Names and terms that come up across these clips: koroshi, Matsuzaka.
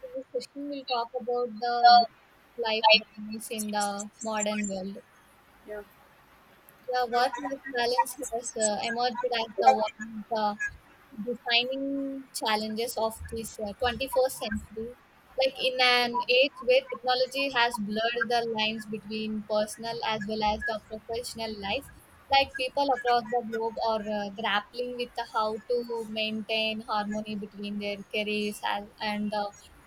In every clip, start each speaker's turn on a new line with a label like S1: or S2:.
S1: In this session, we'll talk about the life balance in the modern world. The work-life balance has emerged as the one of the defining challenges of this 21st century. Like in an age where technology has blurred the lines between personal as well as the professional life, like people across the globe are grappling with how to maintain harmony between their careers and the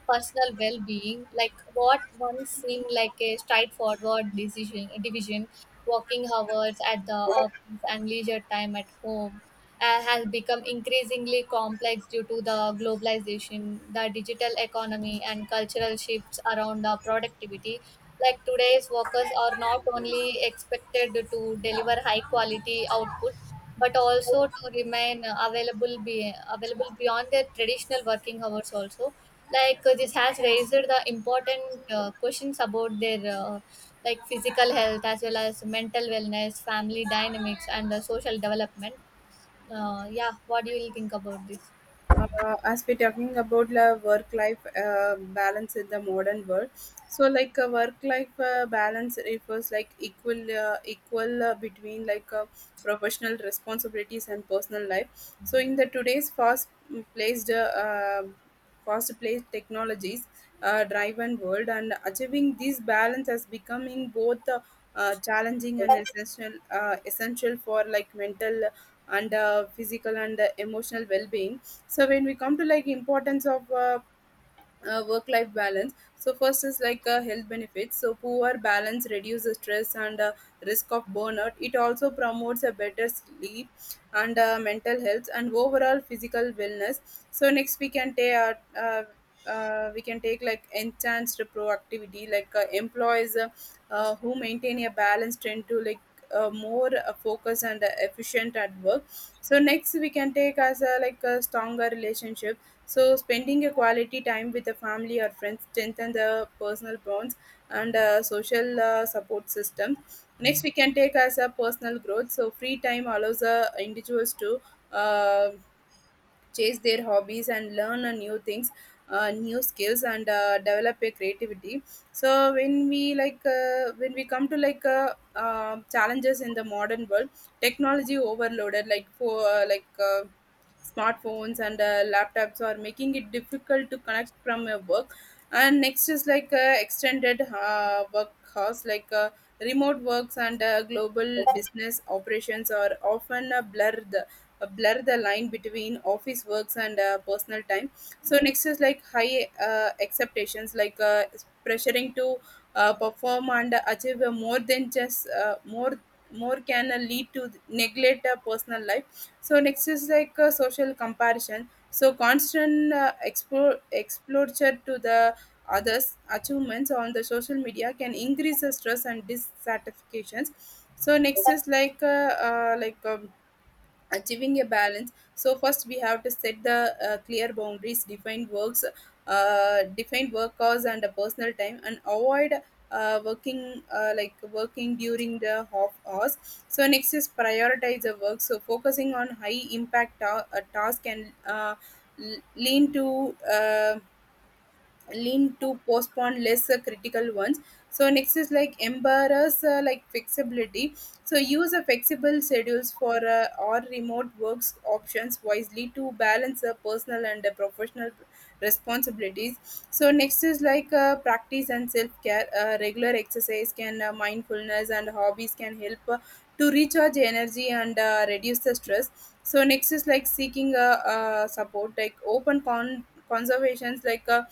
S1: personal well-being like what once seemed like a straightforward decision division working hours at the office and leisure time at home has become increasingly complex due to the globalization, the digital economy, and cultural shifts around the productivity. Like today's workers are not only expected to deliver high quality output, but also to remain available beyond their traditional working hours also like this has raised the important questions about their like physical health as well as mental wellness family dynamics and social development yeah, what do you will think about this?
S2: As we're talking about the work life balance in the modern world, so like a work life balance refers like equal between like professional responsibilities and personal life. So in the today's placed uh, fast paced technologies driven world, and achieving this balance has becoming both challenging and essential for like mental and physical and emotional well-being. So when we come to like importance of work life balance, so first is like health benefits. So poor balance reduces stress and risk of burnout. It also promotes a better sleep and mental health and overall physical wellness. So next we can take like enhanced productivity. Like employees who maintain a balance tend to like more focus and efficient at work. So next we can take as a like a stronger relationship. So spending a quality time with the family or friends strengthen the personal bonds and social support system. Next, we can take as a personal growth. So free time allows individuals to uh, chase their hobbies and learn a new things, new skills, and develop a creativity. So when we come to like challenges in the modern world. Technology overloaded, like for like smartphones and laptops are making it difficult to connect from your work. And next is like extended work hours. Like remote works and global business operations are often a blur blur the line between office works and personal time. So next is like high expectations. Like pressuring to perform and achieve more than just more can lead to neglect personal life. So next is like social comparison. So constant exposure to the others achievements on the social media can increase the stress and dissatisfactions. So next is like achieving a balance. So first we have to set the clear boundaries. Define works uh, define work hours and a personal time, and avoid working during the off hours. So next is prioritize the work. So focusing on high impact task and l- lean to uh, lean to postpone less critical ones. So next is like embarrass like flexibility. So use a flexible schedules for or remote works options wisely to balance personal and professional responsibilities. So next is like practice and self-care. Regular exercise can, mindfulness and hobbies can help to recharge energy and reduce the stress. So next is like seeking a support. Like open conservations. Like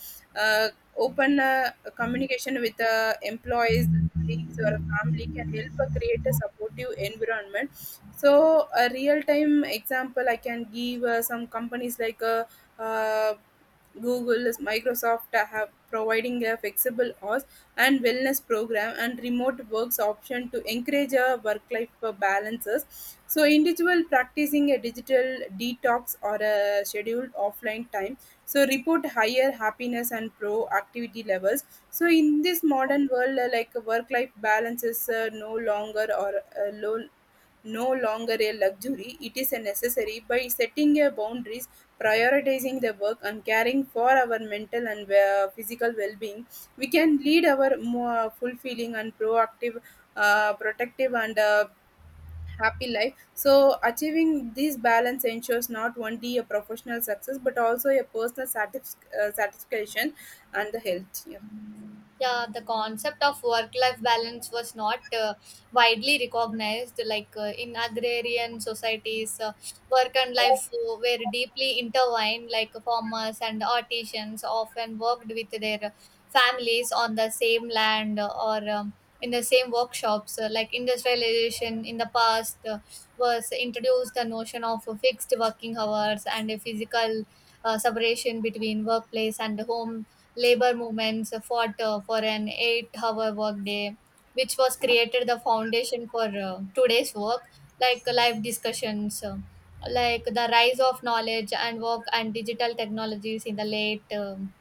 S2: uh, open communication with employees, colleagues, or family can help create a supportive environment. So a real-time example I can give, some companies like uh, Google, Microsoft have providing a flexible hours and wellness program and remote works option to encourage a work-life balances. So individual practicing a digital detox or a scheduled offline time so report higher happiness and pro activity levels. So in this modern world, like work life balance is uh, low no longer a luxury. It is a necessary by setting a boundaries, prioritizing the work, and caring for our mental and physical well-being. We can lead our more fulfilling and proactive protective and happy life. So achieving this balance ensures not only a professional success but also a personal satisfaction and the health. Yeah.
S1: Yeah, the concept of work life balance was not widely recognized, like in agrarian societies work and life were deeply intertwined, like farmers and artisans often worked with their families on the same land or in the same workshops. Like industrialization in the past was introduced the notion of fixed working hours and a physical separation between workplace and home. Labor movements fought for an 8-hour workday, which was created the foundation for today's work, like live discussions. Like the rise of knowledge and work and digital technologies in the late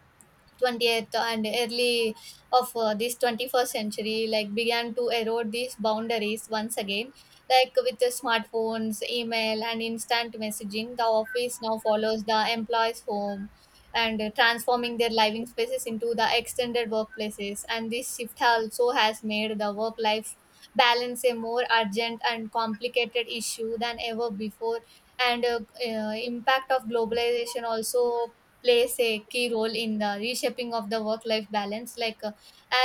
S1: 20th and early of this 21st century like began to erode these boundaries once again, like with the smartphones email and instant messaging the office now follows the employees home and transforming their living spaces into the extended workplaces, and this shift also has made the work life balance a more urgent and complicated issue than ever before. And Impact of globalization also plays a key role in the reshaping of the work life balance, like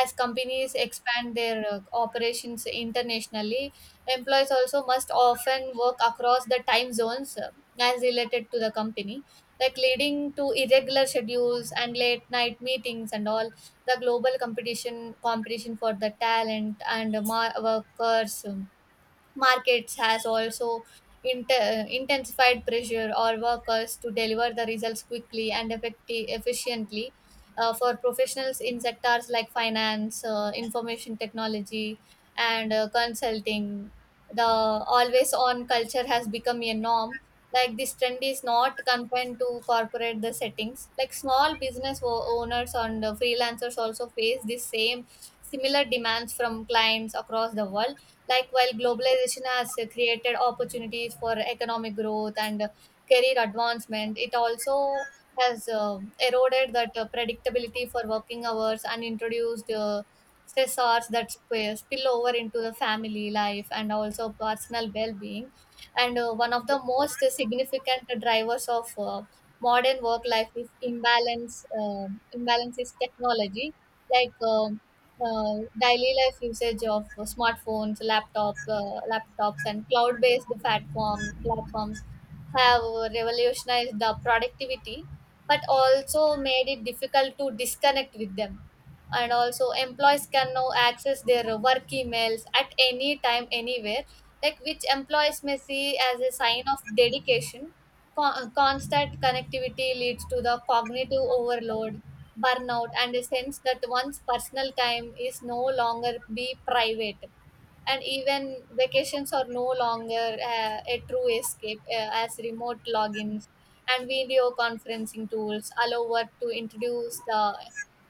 S1: as companies expand their operations internationally employees also must often work across the time zones, as related to the company, like leading to irregular schedules and late night meetings and all. The global competition for the talent and workers markets has also intensified pressure on workers to deliver the results quickly and efficiently. For professionals in sectors like finance, information technology, and consulting, the always on culture has become a norm, like this trend is not confined to corporate the settings, like small business owners and freelancers also face the same similar demands from clients across the world. Like while globalization has created opportunities for economic growth and career advancement, it also has eroded that predictability for working hours and introduced stressors that spill over into the family life and also personal well-being. And one of the most significant drivers of modern work life is imbalance. Imbalance is technology. like um Daily life usage of smartphones, laptops, and cloud-based platforms have revolutionized the productivity, but also made it difficult to disconnect with them. And also, employees can now access their work emails at any time, anywhere, like which employees may see as a sign of dedication. Constant connectivity leads to the cognitive overload, burnout, and a sense that one's personal time is no longer be private, and even vacations are no longer a true escape, as remote logins and video conferencing tools allow work to introduce the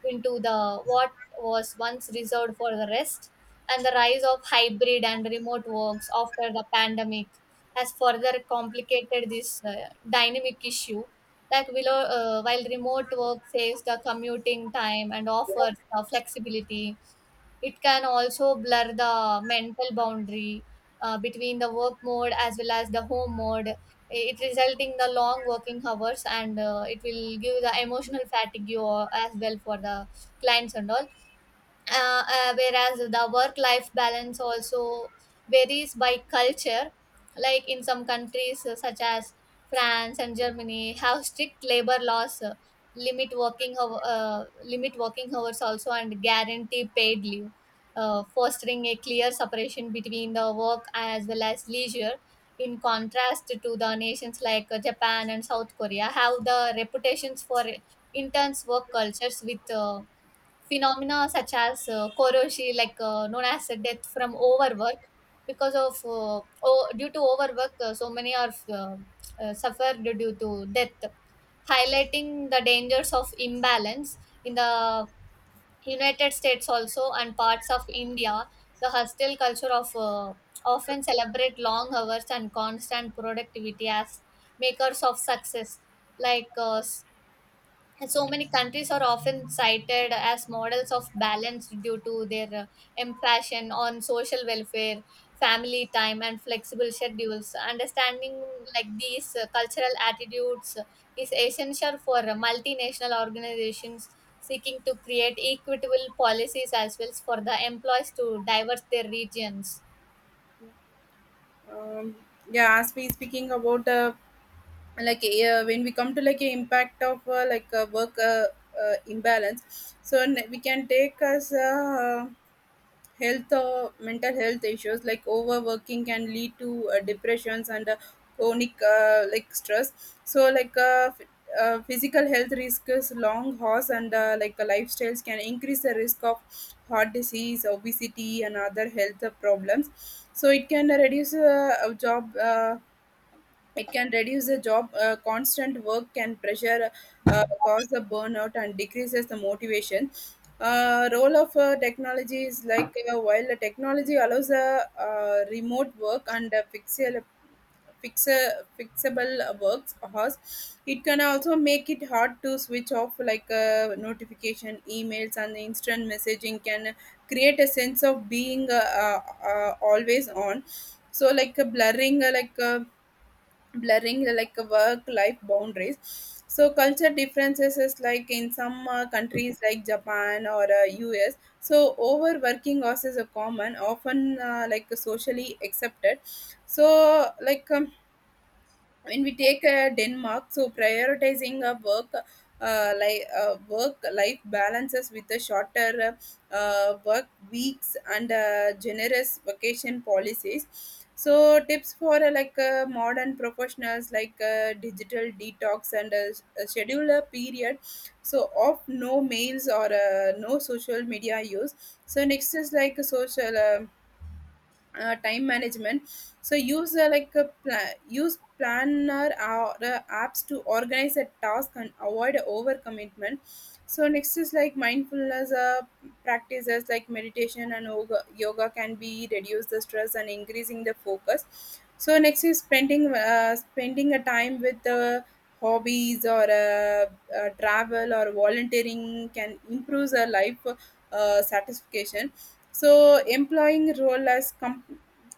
S1: into the what was once reserved for the rest. And the rise of hybrid and remote works after the pandemic has further complicated this dynamic issue, like below, while remote work saves the commuting time and offers the flexibility it can also blur the mental boundary between the work mode as well as the home mode. It resulting the long working hours and it will give the emotional fatigue you all as well for the clients and all. Whereas the work life balance also varies by culture, like in some countries such as France and Germany have strict labor laws, limit working hours also and guarantee paid leave, fostering a clear separation between the work as well as leisure. In contrast to the nations like Japan and South Korea have the reputations for intense work cultures with phenomena such as koroshi, like known as death from overwork, because of due to overwork, so many are suffered due to death, highlighting the dangers of imbalance in the United States also and parts of India. The hostile culture of often celebrate long hours and constant productivity as makers of success, like so many countries are often cited as models of balance due to their emphasis on social welfare family time and flexible schedules understanding, like these cultural attitudes is essential for multinational organizations seeking to create equitable policies as well as for the employees to diverse their regions.
S2: Um, yeah, as we speaking about the like when we come to like a impact of like a work imbalance, so we can take as health, mental health issues. Like overworking can lead to depressions and chronic like stress. So like physical health risks. Long hours and lifestyles can increase the risk of heart disease, obesity, and other health problems. So it can reduce the job. Constant work can pressure cause the burnout and decreases the motivation. Role of technology is like, while the technology allows a remote work and fixable works hours. It can also make it hard to switch off, like notification emails and the instant messaging can create a sense of being always on. So like a blurring like work life boundaries. So culture differences is like in some countries like Japan or US, so overworking hours is a common, often like socially accepted. So like um, when we take Denmark, so prioritizing a work, work life balances with the shorter work weeks and generous vacation policies. So tips for modern professionals. Like digital detox and schedule a period, so of no mails or no social media use. So next is like a social time management. So use planner or apps to organize a task and avoid overcommitment. So next is like mindfulness practices like meditation and yoga can be reduce the stress and increasing the focus. So next is spending a time with hobbies or travel or volunteering can improve the life satisfaction. So employing role as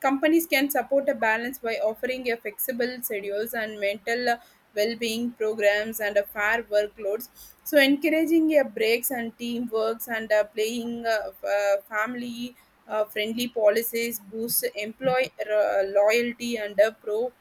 S2: companies can support a balance by offering a flexible schedules and mental well-being programs and a fair workloads. So encouraging a breaks and teamworks and playing family friendly policies boosts employee loyalty and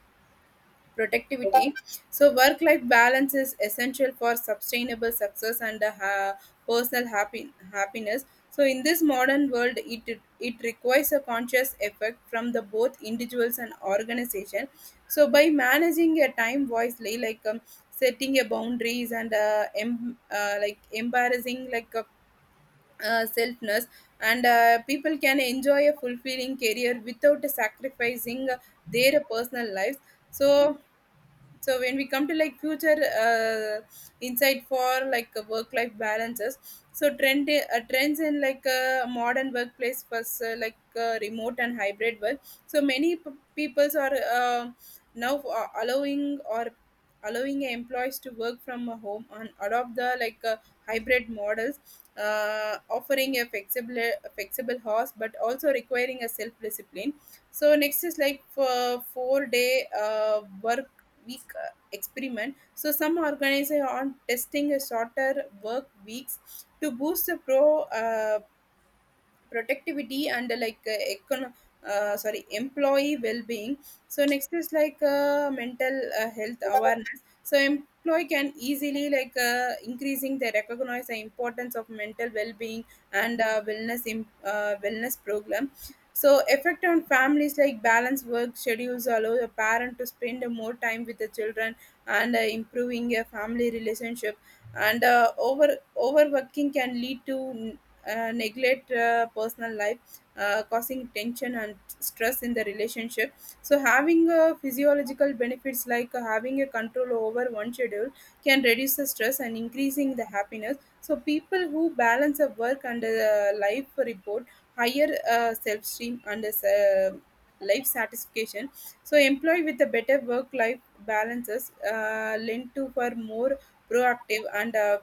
S2: productivity. So work life balance is essential for sustainable success and personal happiness. So in this modern world, it requires a conscious effort from the both individuals and organization. So by managing your time wisely, setting your boundaries and embarrassing like selfness, and people can enjoy a fulfilling career without sacrificing their personal lives. So so when we come to like future uh, insight for like work life balances. So trends in like modern workplace plus remote and hybrid work. So many peoples are now a- allowing or allowing employees to work from a home and adopt the like hybrid models, offering a flexible house but also requiring a self discipline. So next is like for 4-day work week experiment. So some organizations are testing a shorter work weeks to boost the productivity and sorry, employee well-being. So next is like mental health awareness. So employee can easily like increasing they recognize the importance of mental well-being and wellness program. So effect on families, like balance work schedules allow the parent to spend more time with the children and improving a family relationship. And overworking can lead to neglect personal life, causing tension and stress in the relationship. So having physiological benefits, like having a control over one schedule can reduce the stress and increasing the happiness. So people who balance a work and life report higher self esteem and life satisfaction. So employee with a better work life balances lend to for more proactive and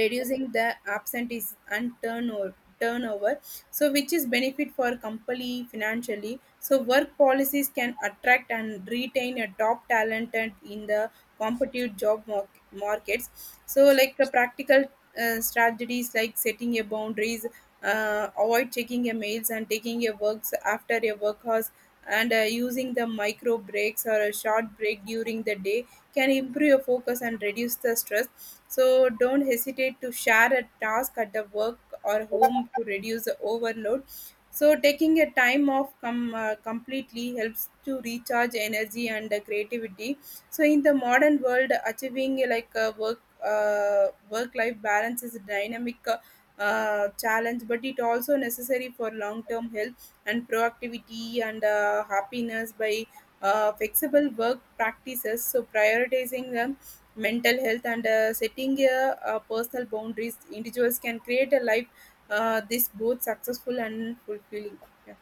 S2: reducing the absentees and turnover, so which is benefit for company financially. So work policies can attract and retain a top talent and in the competitive job markets. So like the practical strategies, like setting your boundaries, avoid checking your mails and taking your works after your work hours, and using the micro breaks or a short break during the day can improve your focus and reduce the stress. So don't hesitate to share a task at the work or home to reduce the overload. So taking a time off completely helps to recharge energy and creativity. So in the modern world, achieving like a work work life balance is a dynamic challenge, but it also necessary for long term health and productivity and happiness by flexible work practices, so prioritizing mental health and setting personal boundaries, individuals can create a life this both successful and fulfilling. Yeah,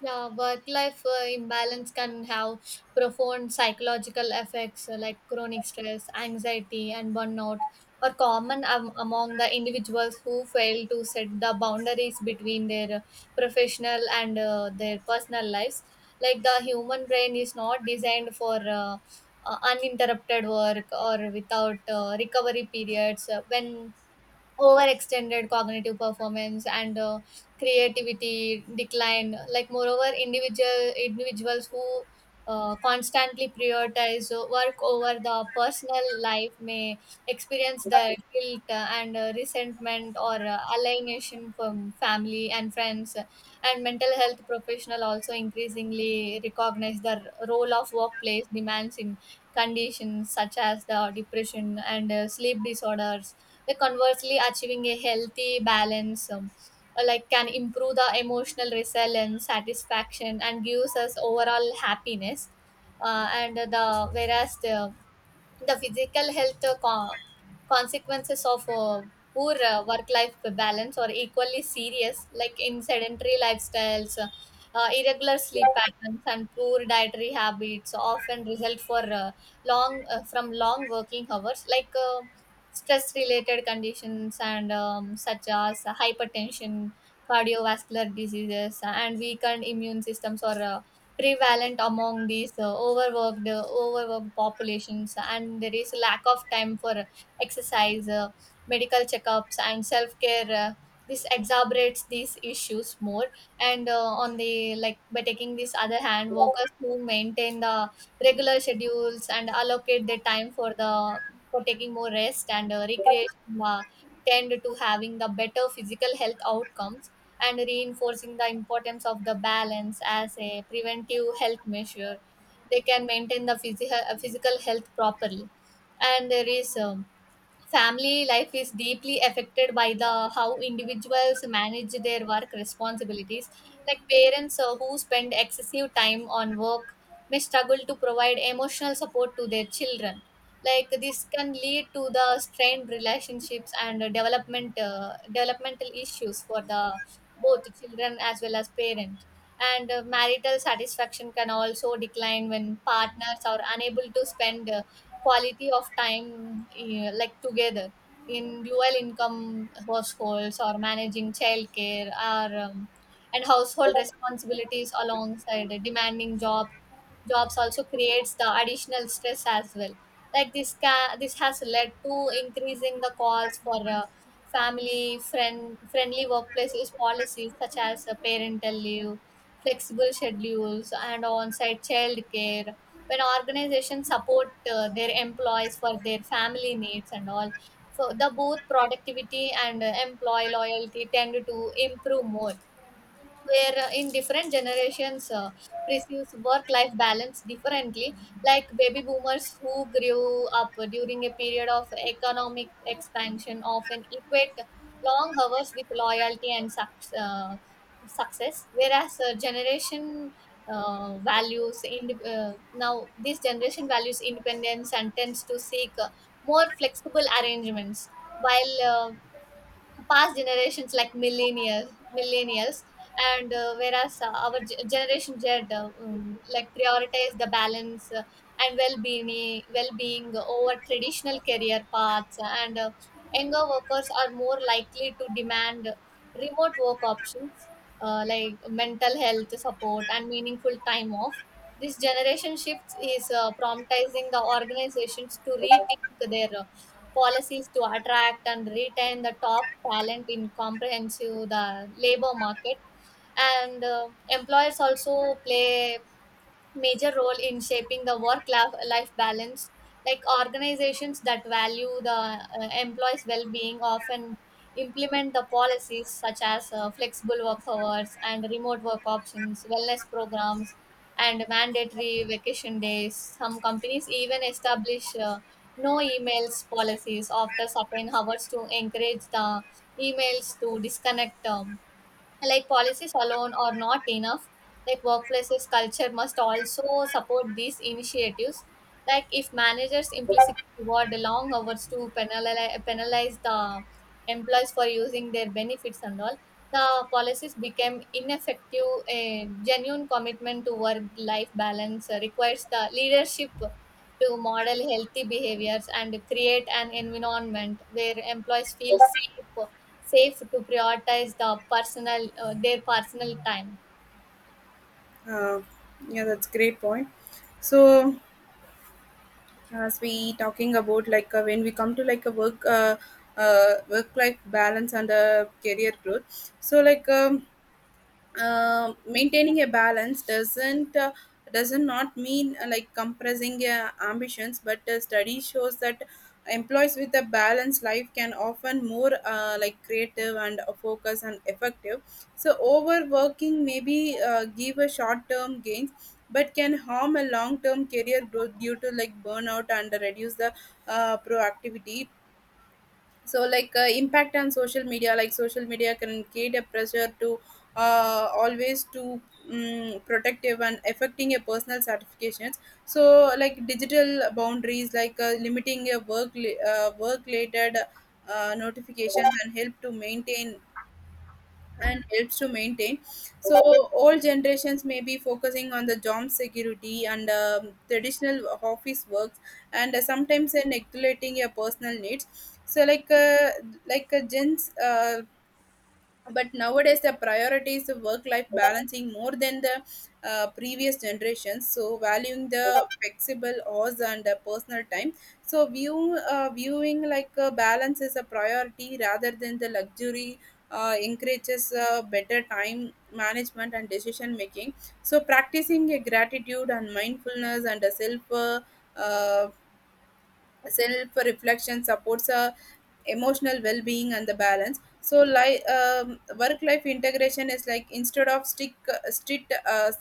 S1: Yeah, work life imbalance can have profound psychological effects, like chronic stress, anxiety, and burnout are common among the individuals who fail to set the boundaries between their professional and their personal lives. Like the human brain is not designed for uninterrupted work or without recovery periods. When overextended cognitive performance and creativity decline, like moreover individuals who constantly prioritize work over the personal life may experience the guilt and resentment or alienation from family and friends. And mental health professional also increasingly recognize the role of workplace demands in conditions such as the depression and sleep disorders. Like conversely, achieving a healthy balance like can improve the emotional resilience, satisfaction, and gives us overall happiness. And the whereas the physical health consequences of poor work life balance are equally serious, like in sedentary lifestyles, irregular sleep patterns and poor dietary habits often result for long from long working hours, like stress related conditions and such as hypertension cardiovascular diseases and weakened immune systems or prevalent among these overworked populations, and there is lack of time for exercise, medical checkups and self-care. This exacerbates these issues more. And on the like by taking this other hand workers who maintain the regular schedules and allocate their time for the for taking more rest and recreation tend to having the better physical health outcomes and reinforcing the importance of the balance as a preventive health measure. They can maintain the physical health properly. And there is family life is deeply affected by the how individuals manage their work responsibilities, like parents who spend excessive time on work may struggle to provide emotional support to their children, like this can lead to the strained relationships and developmental issues for the both children as well as parent. And marital satisfaction can also decline when partners are unable to spend quality of time like together in dual income households or managing childcare or and household responsibilities alongside a demanding job jobs also creates the additional stress as well, like this has led to increasing the calls for family friend friendly workplaces policies such as parental leave flexible schedules and on-site child care. When organizations support their employees for their family needs and all, so the both productivity and employee loyalty tend to improve more. Where in different generations perceives work life balance differently, like baby boomers who grew up during a period of economic expansion often equate long hours with loyalty and success, whereas generation values in now this generation values independence and tends to seek more flexible arrangements, while past generations like millennials and whereas generation Z, like prioritize the balance and well-being over traditional career paths, and younger workers are more likely to demand remote work options, like mental health support and meaningful time off. This generation shift is promptizing the organizations to rethink their policies to attract and retain the top talent in comprehensive the labor market. And employers also play major role in shaping the work life balance, like organizations that value the employees well-being often implement the policies such as flexible work hours and remote work options wellness programs and mandatory vacation days. Some companies even establish no emails policies after certain hours to encourage the emails to disconnect. Like policies alone are not enough, like workplaces culture must also support these initiatives, like if managers implicitly reward the long hours to penalize, penalize the employees for using their benefits and all, the policies become ineffective. A genuine commitment to work life balance requires the leadership to model healthy behaviors and create an environment where employees feel safe to prioritize the their personal time.
S2: uh, yeah, that's great point. So as we talking about, like, when we come to like a work work life balance and career growth, so maintaining a balance doesn't not mean, like, compressing ambitions, but study shows that employees with a balanced life can often more like creative and focus and effective. So overworking maybe give a short term gains, but can harm a long term career growth due to like burnout and reduce the proactivity. So, like, impact on social media, like social media can create a pressure to always to protective and affecting a personal certifications. So like digital boundaries, like limiting a work related notifications and help to maintain and helps to maintain. So old generations may be focusing on the job security and traditional office works, and sometimes neglecting your personal needs. So like gens but nowadays the priority is the work life balancing more than the previous generations, so valuing the flexible hours and the personal time. So viewing like a balance is a priority rather than the luxury encourages better time management and decision making. So practicing a gratitude and mindfulness and a uh, self reflection supports emotional well being and the balance. So like, work life integration is, like, instead of stick strict uh,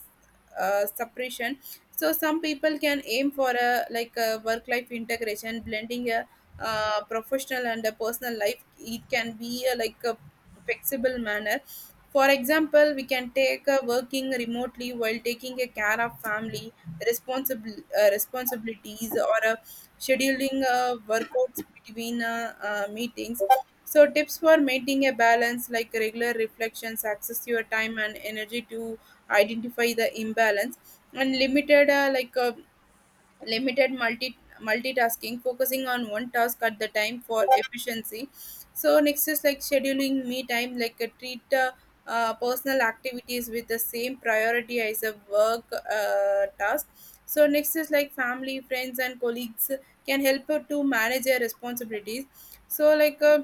S2: uh, separation. So some people can aim for a, like, a work life integration, blending a professional and a personal life. It can be a, like, a flexible manner. For example, we can take a working remotely while taking a care of family responsible responsibilities, or a scheduling workouts between meetings. So, tips for maintaining a balance, like regular reflections, access your time and energy to identify the imbalance, and limited multitasking, focusing on one task at the time for efficiency. So next is like scheduling me time, like a treat personal activities with the same priority as a work task. So next is like family, friends and colleagues can help to manage their responsibilities. So like uh,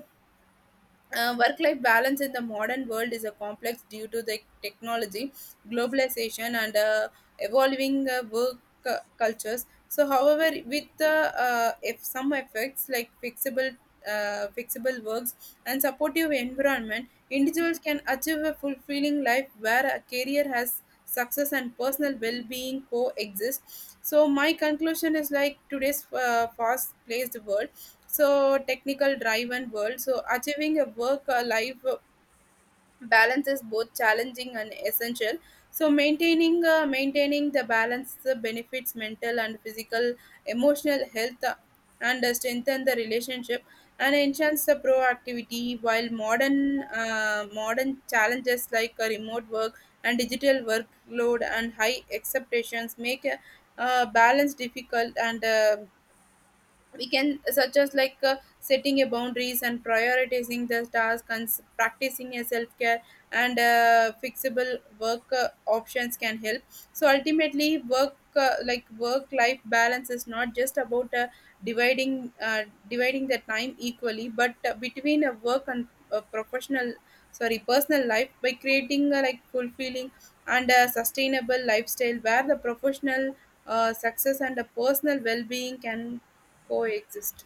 S2: uh, work life balance in the modern world is a complex due to the technology, globalization, and evolving work cultures. So, however, with if some effects like flexible, fixable works and supportive environment, individuals can achieve a fulfilling life where a career has success and personal well-being coexist. So my conclusion is like today's fast-paced world, so technical drive and world, so achieving a work life balance is both challenging and essential. So maintaining the balance benefits mental and physical emotional health, and strengthen the relationship and enhance the proactivity. While modern challenges like remote work and digital workload and high expectations make balance difficult and we can, such as like setting a boundaries and prioritizing the task and practicing a self-care and fixable work options can help. So ultimately work life balance is not just about dividing uh, dividing the time equally but between a work and professional, sorry, personal life, by creating a, like, fulfilling and a sustainable lifestyle where the professional success and the personal well-being can coexist.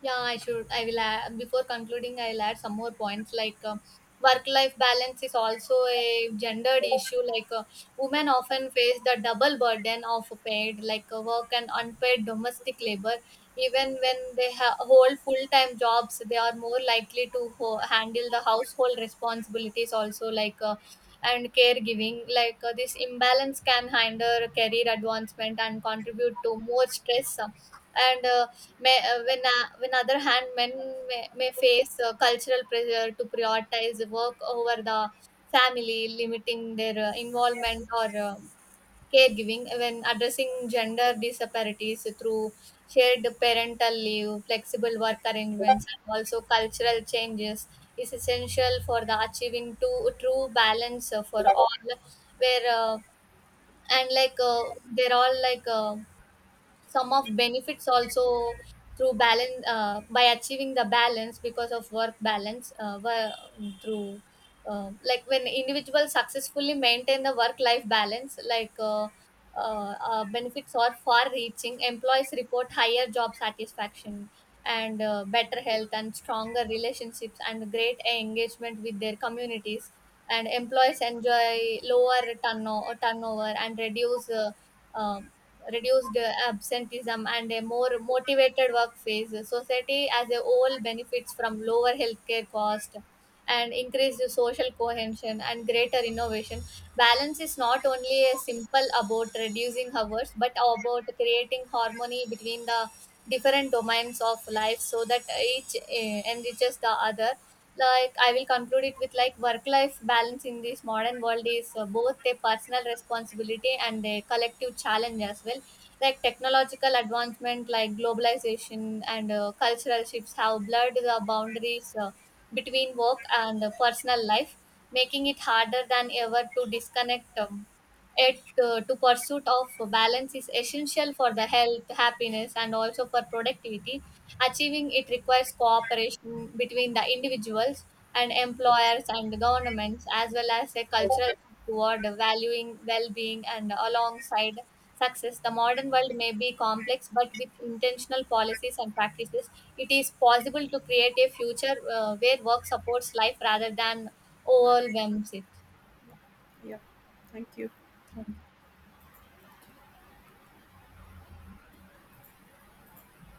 S1: Yeah, I should. I will add, before concluding, I'll add some more points, like work life balance is also a gendered issue. Like women often face the double burden of like work and unpaid domestic labor. Even when they hold full time jobs, they are more likely to handle the household responsibilities also, like and caregiving. Like this imbalance can hinder career advancement and contribute to more stress. And May when When other hand, men may face cultural pressure to prioritize work over the family, limiting their involvement or caregiving. When addressing gender disparities through shared parental leave, flexible work arrangements, and also cultural changes is essential for the achieving to true balance for all. Where and like they're all like. Some of benefits also through balance by achieving the balance because of work balance wo- through like when individuals successfully maintain the work life balance, like benefits are far reaching. Employees report higher job satisfaction and better health and stronger relationships and great engagement with their communities, and employees enjoy lower turnover and uh, reduced absenteeism and a more motivated work phase. Society as a whole benefits from lower healthcare cost and increased social cohesion and greater innovation. Balance is not only a simple about reducing hours, but about creating harmony between the different domains of life so that each enriches the other. Like I will conclude it with like work life balance in this modern world is both a personal responsibility and a collective challenge as well, like technological advancement like globalization and cultural shifts have blurred the boundaries between work and personal life, making it harder than ever to disconnect. It To pursuit of balance is essential for the health happiness and also for productivity. Achieving it requires cooperation between the individuals and employers and governments, as well as a cultural shift toward valuing well-being and alongside success. The modern world may be complex, but with intentional policies and practices, it is possible to create a future where work supports life rather than overwhelms it.
S2: Yeah, thank you.